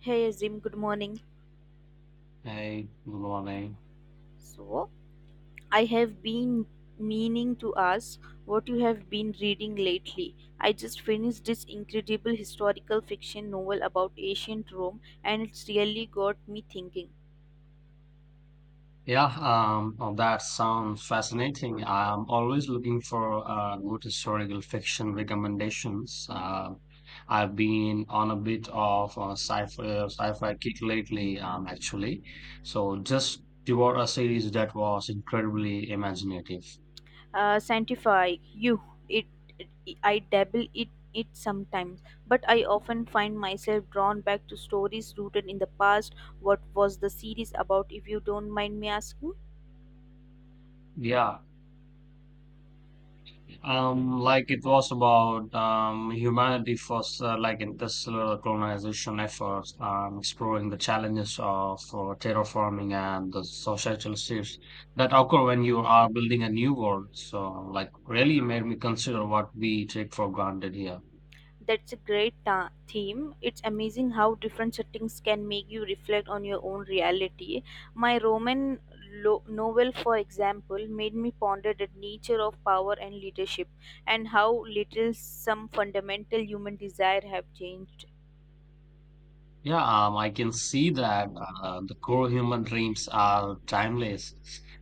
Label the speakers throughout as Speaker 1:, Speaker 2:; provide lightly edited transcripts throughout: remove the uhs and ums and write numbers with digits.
Speaker 1: Hey Azim, good morning.
Speaker 2: Hey, good morning.
Speaker 1: So, I have been meaning to ask what you have been reading lately. I just finished this incredible historical fiction novel about ancient Rome, and it's really got me thinking.
Speaker 2: Yeah, oh, that sounds fascinating. I'm always looking for good historical fiction recommendations. I've been on a bit of a sci-fi kick lately, actually. So just devoured a series that was incredibly imaginative.
Speaker 1: Sanctify you. It, it- I dabble it sometimes, but I often find myself drawn back to stories rooted in the past. What was the series about? If you don't mind me asking.
Speaker 2: Yeah, it was about humanity first, like in this colonization efforts, exploring the challenges of terraforming and the societal shifts that occur when you are building a new world. So, like, really made me consider what we take for granted here.
Speaker 1: That's a great theme. It's amazing how different settings can make you reflect on your own reality. My Roman novel, for example, made me ponder the nature of power and leadership and how little some fundamental human desire have changed.
Speaker 2: Yeah, I can see that the core human dreams are timeless.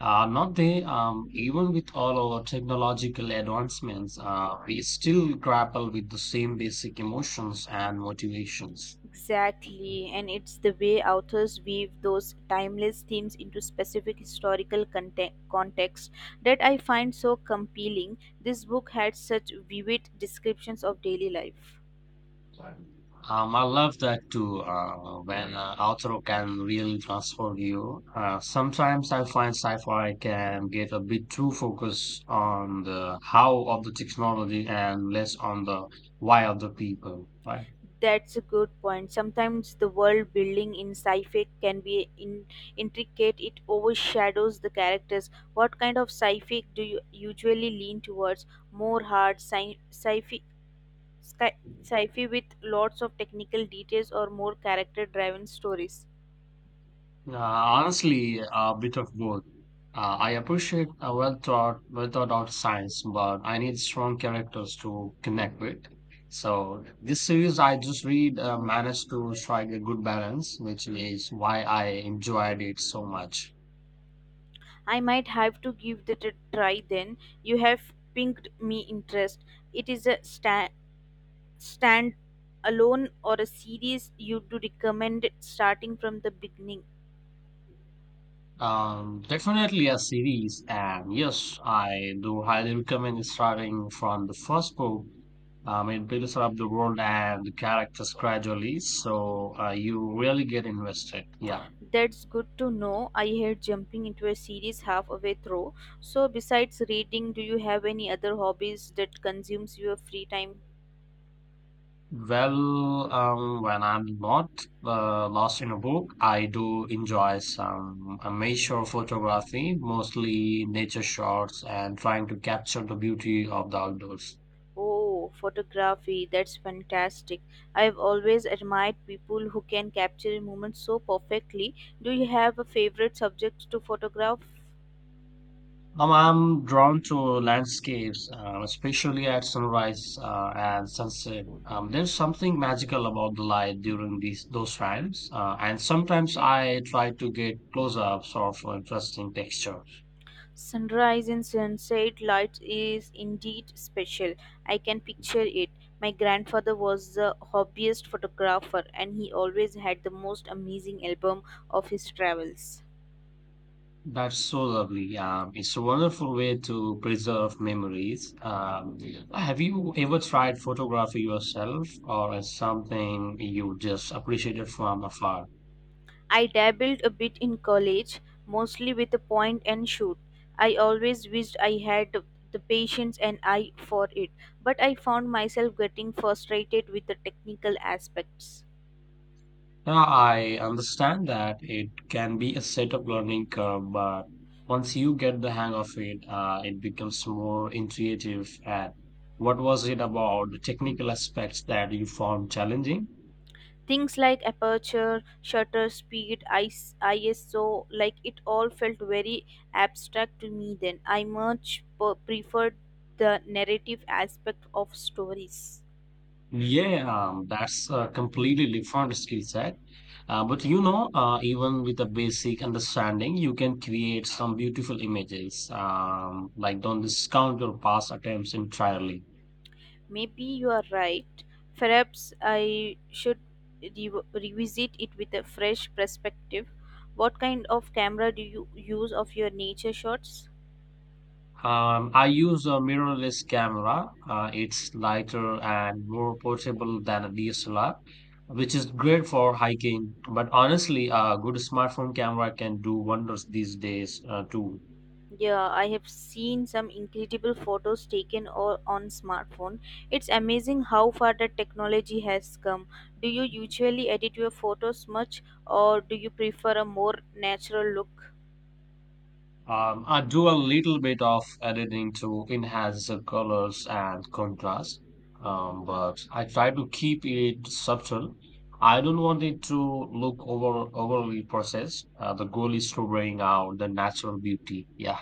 Speaker 2: Not they, Even with all our technological advancements, we still grapple with the same basic emotions and motivations.
Speaker 1: Exactly, and it's the way authors weave those timeless themes into specific historical context that I find so compelling. This book had such vivid descriptions of daily life.
Speaker 2: I love that too, when an author can really transform you. Sometimes I find sci-fi can get a bit too focused on the how of the technology and less on the why of the people, right?
Speaker 1: That's a good point. Sometimes the world building in sci-fi can be intricate. It overshadows the characters. What kind of sci-fi do you usually lean towards? More hard sci-fi, sci- sci-fi with lots of technical details, or more character-driven stories?
Speaker 2: Honestly, a bit of both. I appreciate a well thought out science, but I need strong characters to connect with. So this series I just read managed to strike a good balance, which is why I enjoyed it so much.
Speaker 1: I might have to give that a try then. You have piqued me interest. It is a stand alone or a series you do recommend starting from the beginning.
Speaker 2: Definitely a series, and yes, I do highly recommend starting from the first book. It builds up the world and the characters gradually, so you really get invested. Yeah.
Speaker 1: That's good to know. I hate jumping into a series halfway through. So besides reading, do you have any other hobbies that consumes your free time?
Speaker 2: Well, when I'm not lost in a book, I do enjoy some amateur photography, mostly nature shots and trying to capture the beauty of the outdoors.
Speaker 1: Oh, photography. That's fantastic. I've always admired people who can capture a moment so perfectly. Do you have a favorite subject to photograph?
Speaker 2: Now, I'm drawn to landscapes, especially at sunrise and sunset. There's something magical about the light during these those times, and sometimes I try to get close-ups of interesting texture.
Speaker 1: Sunrise and sunset lights is indeed special. I can picture it. My grandfather was the hobbyist photographer and he always had the most amazing album of his travels.
Speaker 2: That's so lovely. It's a wonderful way to preserve memories. Have you ever tried photography yourself, or is something you just appreciated from afar?
Speaker 1: I dabbled a bit in college, mostly with a point and shoot. I always wished I had the patience and eye for it, but I found myself getting frustrated with the technical aspects.
Speaker 2: Now, I understand that it can be a set of learning curve, but once you get the hang of it, it becomes more intuitive. And what was it about the technical aspects that you found challenging?
Speaker 1: Things like aperture, shutter speed, IS, ISO, like it all felt very abstract to me then. I much preferred the narrative aspect of stories.
Speaker 2: Yeah, that's a completely different skill set. But you know, even with a basic understanding, you can create some beautiful images. Like don't discount your past attempts entirely.
Speaker 1: Maybe you are right. Perhaps I should revisit it with a fresh perspective. What kind of camera do you use of your nature shots?
Speaker 2: I use a mirrorless camera. It's lighter and more portable than a DSLR, which is great for hiking. But honestly, a good smartphone camera can do wonders these days, too.
Speaker 1: Yeah, I have seen some incredible photos taken on smartphone. It's amazing how far the technology has come. Do you usually edit your photos much or do you prefer a more natural look?
Speaker 2: I do a little bit of editing to enhance the colors and contrast, but I try to keep it subtle. I don't want it to look overly processed. The goal is to bring out the natural beauty. Yeah.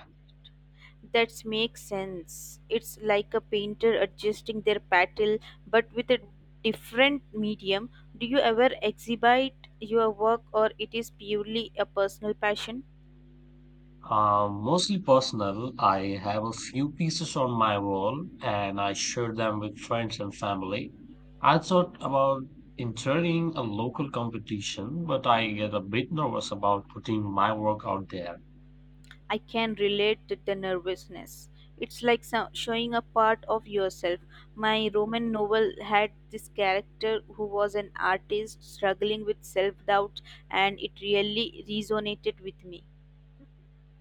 Speaker 1: That makes sense. It's like a painter adjusting their patel but with a different medium. Do you ever exhibit your work or it is purely a personal passion?
Speaker 2: Mostly personal. I have a few pieces on my wall and I share them with friends and family. I thought about entering a local competition, but I get a bit nervous about putting my work out there.
Speaker 1: I can relate to the nervousness. It's like showing a part of yourself. My Roman novel had this character who was an artist struggling with self doubt, and it really resonated with me.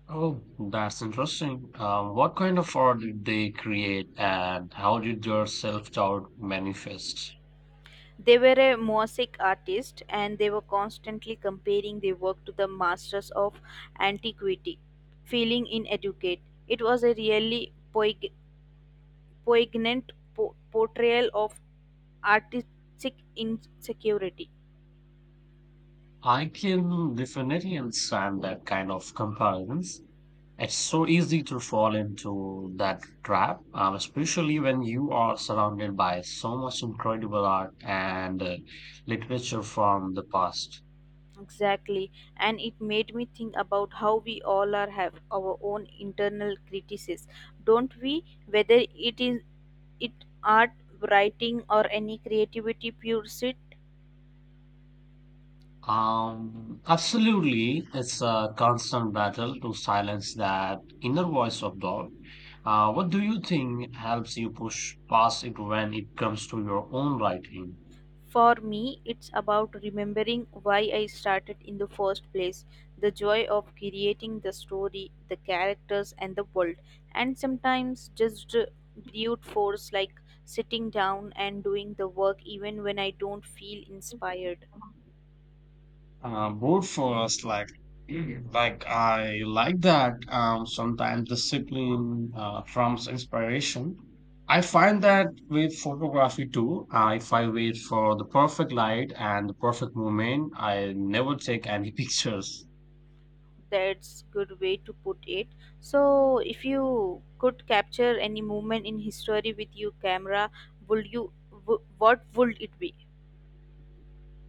Speaker 2: Oh, that's interesting. What kind of art did they create and how did their self-doubt manifest?
Speaker 1: They were a mosaic artist and they were constantly comparing their work to the masters of antiquity, feeling inadequate. It was a really poig- poignant portrayal of artistic insecurity.
Speaker 2: I can definitely understand that kind of comparisons. It's so easy to fall into that trap, especially when you are surrounded by so much incredible art and literature from the past.
Speaker 1: Exactly, and it made me think about how we all are have our own internal criticism, don't we? Whether it is it art, writing, or any creativity pursuit.
Speaker 2: Absolutely, it's a constant battle to silence that inner voice of doubt. What do you think helps you push past it when it comes to your own writing?
Speaker 1: For me, it's about remembering why I started in the first place, the joy of creating the story, the characters, and the world, and sometimes just brute force like sitting down and doing the work even when I don't feel inspired.
Speaker 2: Both for us, like, like I like that. Sometimes discipline trumps inspiration. I find that with photography too. If I wait for the perfect light and the perfect moment, I never take any pictures.
Speaker 1: That's good way to put it. So if you could capture any moment in history with your camera, would you what would it be?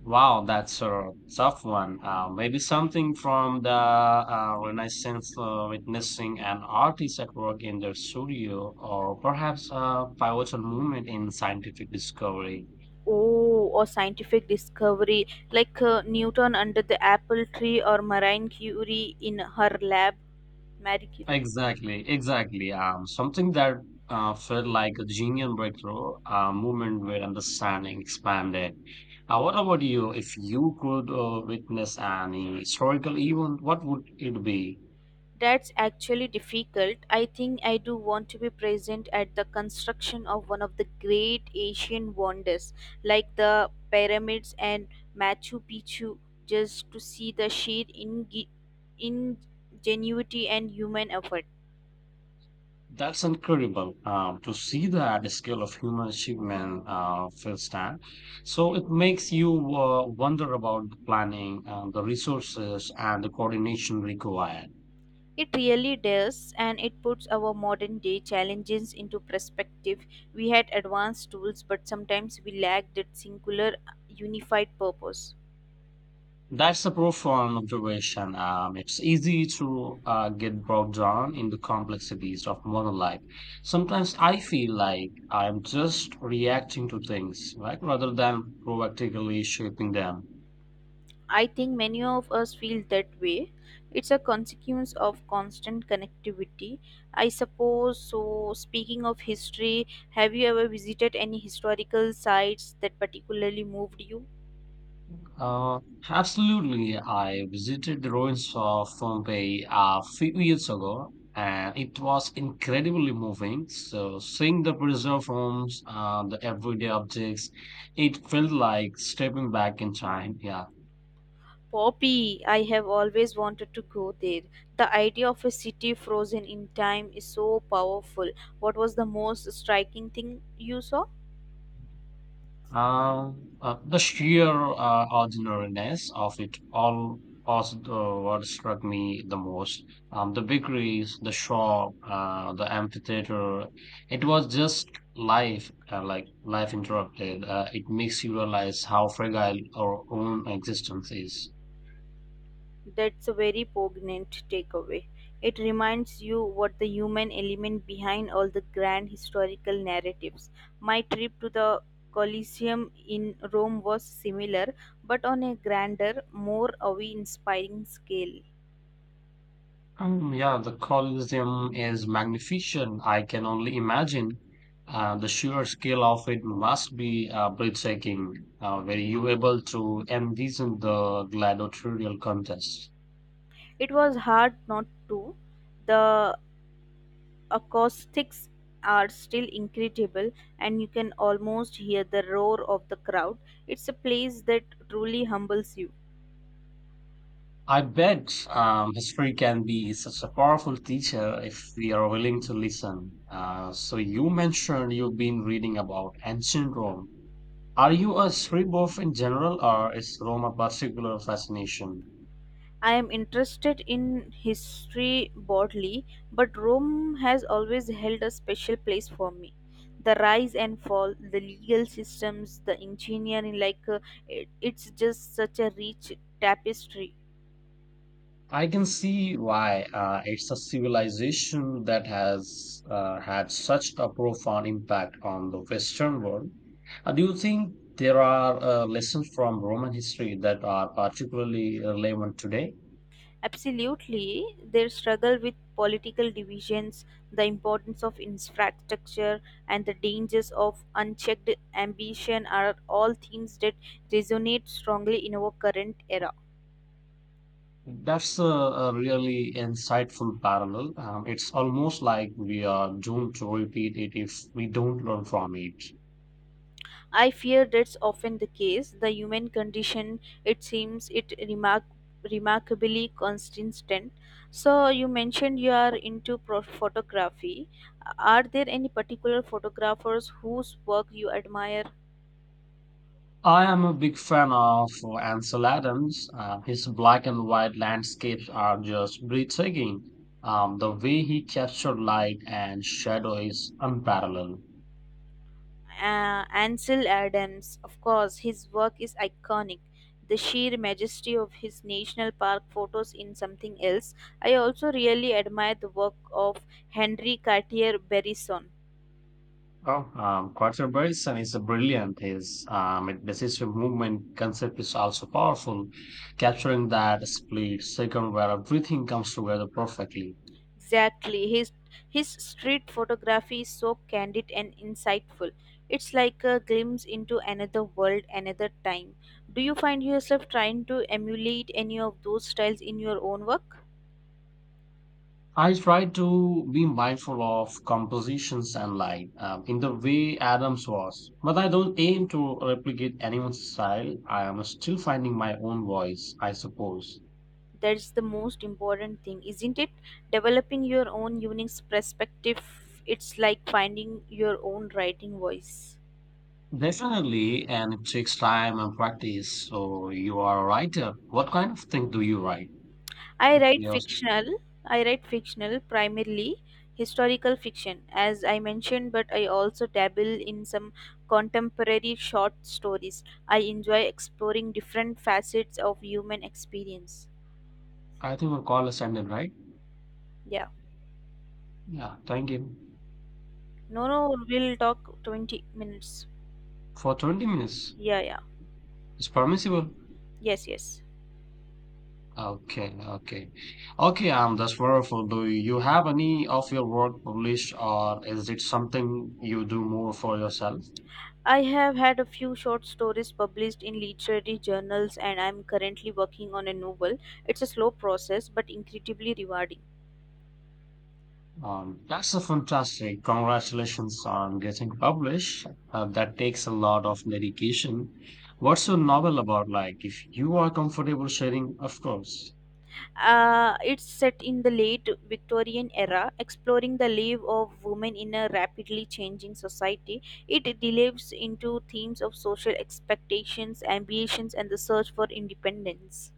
Speaker 2: Wow, that's a tough one. Maybe something from the Renaissance, witnessing an artist at work in their studio, or perhaps a pivotal moment in scientific discovery.
Speaker 1: Oh, or scientific discovery like Newton under the apple tree, or marine curie in her lab marie curie
Speaker 2: Exactly. Something that felt like a genuine breakthrough, a moment where understanding expanded. What about you? If you could witness an historical event, what would it be?
Speaker 1: That's actually difficult. I think I do want to be present at the construction of one of the great Asian wonders, like the pyramids and Machu Picchu, just to see the sheer ingenuity and human effort.
Speaker 2: That's incredible to see that scale of human achievement firsthand. So it makes you wonder about the planning, the resources, and the coordination required.
Speaker 1: It really does, and it puts our modern day challenges into perspective. We had advanced tools, but sometimes we lacked that singular, unified purpose.
Speaker 2: That's a profound observation. It's easy to get bogged down in the complexities of modern life. Sometimes I feel like I'm just reacting to things, right, rather than proactively shaping them.
Speaker 1: I think many of us feel that way. It's a consequence of constant connectivity. I suppose so. Speaking of history, have you ever visited any historical sites that particularly moved you?
Speaker 2: Uh, Absolutely, I visited the ruins of Pompeii a few years ago, and it was incredibly moving. So, seeing the preserved homes, the everyday objects, it felt like stepping back in time. Yeah.
Speaker 1: Poppy, I have always wanted to go there. The idea of a city frozen in time is so powerful. What was the most striking thing you saw?
Speaker 2: The sheer ordinariness of it all was what struck me the most. The bakeries, the shop, the amphitheater, it was just life, like life interrupted. It makes you realize how fragile our own existence is.
Speaker 1: That's a very poignant takeaway. It reminds you what the human element behind all the grand historical narratives. My trip to the Colosseum in Rome was similar, but on a grander, more awe-inspiring scale.
Speaker 2: Yeah, the Colosseum is magnificent. I can only imagine. The sheer scale of it must be breathtaking. Were you able to envision the gladiatorial contest?
Speaker 1: It was hard not to. The acoustics are still incredible, and you can almost hear the roar of the crowd. It's a place that truly humbles you.
Speaker 2: I bet history can be such a powerful teacher if we are willing to listen. So you mentioned you've been reading about ancient Rome. Are you a history buff in general, or is Rome a particular fascination?
Speaker 1: I am interested in history broadly, but Rome has always held a special place for me. The rise and fall, the legal systems, the engineering like it's just such a rich tapestry.
Speaker 2: I can see why it's a civilization that has had such a profound impact on the Western world. Do you think there are lessons from Roman history that are particularly relevant today?
Speaker 1: Absolutely, their struggle with political divisions, the importance of infrastructure, and the dangers of unchecked ambition are all themes that resonate strongly in our current era.
Speaker 2: That's a really insightful parallel. It's almost like we are doomed to repeat it if we don't learn from it.
Speaker 1: I fear that's often the case. The human condition, it seems, it remarkably consistent. So you mentioned you are into photography. Are there any particular photographers whose work you admire?
Speaker 2: I am a big fan of Ansel Adams. His black and white landscapes are just breathtaking. The way he captured light and shadow is unparalleled.
Speaker 1: Ansel Adams, of course, his work is iconic. The sheer majesty of his national park photos in something else. I also really admire the work of Henri Cartier-Bresson.
Speaker 2: Oh, Quarter Bryson is a brilliant. His decisive movement concept is also powerful, capturing that split second where everything comes together perfectly.
Speaker 1: Exactly. His street photography is so candid and insightful. It's like a glimpse into another world, another time. Do you find yourself trying to emulate any of those styles in your own work?
Speaker 2: I try to be mindful of compositions and light in the way Adams was, but I don't aim to replicate anyone's style. I am still finding my own voice, I suppose.
Speaker 1: That's the most important thing, isn't it? Developing your own unique perspective. It's like finding your own writing voice.
Speaker 2: Definitely, and it takes time and practice. So you are a writer. What kind of thing do you write?
Speaker 1: I
Speaker 2: Okay,
Speaker 1: write
Speaker 2: yes.
Speaker 1: fictional. I write fictional, primarily historical fiction, as I mentioned, but I also dabble in some contemporary short stories. I enjoy exploring different facets of human experience.
Speaker 2: I think we'll call us ended, right?
Speaker 1: Yeah.
Speaker 2: Yeah, thank you.
Speaker 1: No, no, we'll talk 20 minutes.
Speaker 2: For 20 minutes,
Speaker 1: Yeah, yeah.
Speaker 2: it's permissible.
Speaker 1: Yes, yes.
Speaker 2: Okay, okay. Okay, that's wonderful. Do you have any of your work published, or is it something you do more for yourself?
Speaker 1: I have had a few short stories published in literary journals, and I'm currently working on a novel. It's a slow process, but incredibly rewarding.
Speaker 2: That's a fantastic. Congratulations on getting published. That takes a lot of dedication. What's your novel about? Like, if you are comfortable sharing, of course.
Speaker 1: It's set in the late Victorian era, exploring the life of women in a rapidly changing society. It delves into themes of social expectations, ambitions, and the search for independence.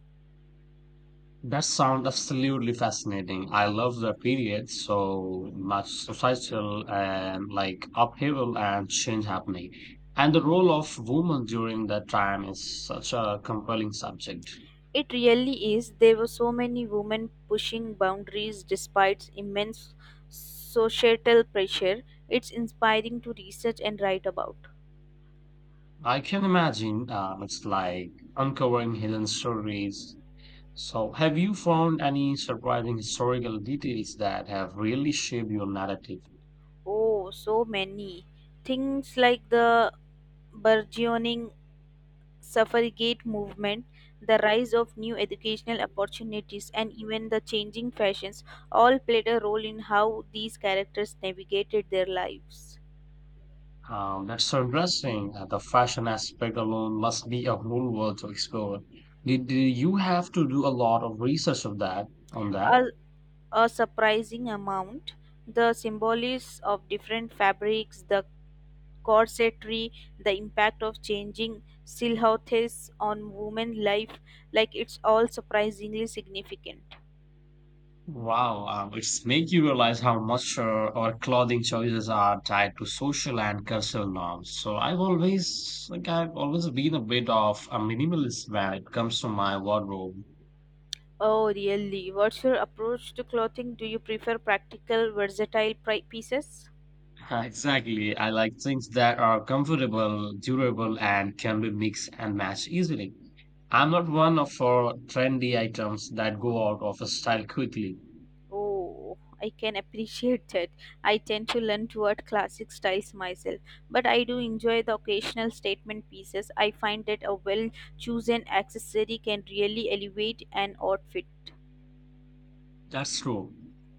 Speaker 2: That sounds absolutely fascinating. I love the period so much societal and like upheaval and change happening. And the role of women during that time is such a compelling subject.
Speaker 1: It really is. There were so many women pushing boundaries despite immense societal pressure. It's inspiring to research and write about.
Speaker 2: I can imagine it's like uncovering hidden stories. So, have you found any surprising historical details that have really shaped your narrative?
Speaker 1: Oh, so many things like the burgeoning suffragette movement, the rise of new educational opportunities, and even the changing fashions all played a role in how these characters navigated their lives.
Speaker 2: That's so interesting. The fashion aspect alone must be a whole world to explore. Did you have to do a lot of research of that on that?
Speaker 1: A, a surprising amount, the symbolism of different fabrics, the corsetry, the impact of changing silhouettes on women's life, like it's all surprisingly significant.
Speaker 2: Wow, it's make you realize how much our clothing choices are tied to social and cultural norms. So I've always been a bit of a minimalist when it comes to my wardrobe.
Speaker 1: Oh, really? What's your approach to clothing? Do you prefer practical, versatile pieces?
Speaker 2: Exactly, I like things that are comfortable, durable, and can be mixed and matched easily. I'm not one of for trendy items that go out of style quickly.
Speaker 1: Oh, I can appreciate that. I tend to lean toward classic styles myself, but I do enjoy the occasional statement pieces. I find that a well chosen accessory can really elevate an outfit.
Speaker 2: That's true.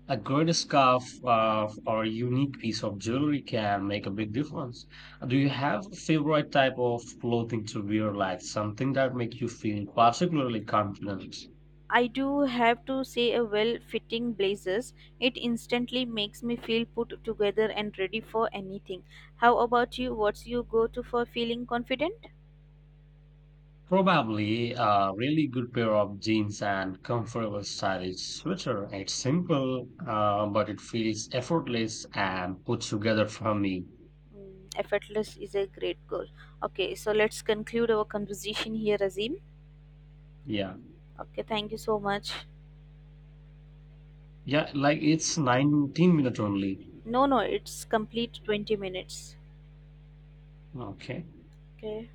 Speaker 2: A good scarf or a unique piece of jewelry can make a big difference. Do you have a favorite type of clothing to wear, like something that makes you feel particularly confident?
Speaker 1: I do have to say a well fitting blazers. It instantly makes me feel put together and ready for anything. How about you? What's your go to for feeling confident?
Speaker 2: Probably a really good pair of jeans and comfortable stylish sweater. It's simple, but it feels effortless and put together for me.
Speaker 1: Mm, effortless is a great goal. Okay, so let's conclude our conversation here, Azim.
Speaker 2: Yeah.
Speaker 1: Okay, thank you so much.
Speaker 2: Yeah, like it's 19 minutes only.
Speaker 1: No, no, it's complete 20 minutes.
Speaker 2: Okay.
Speaker 1: Okay.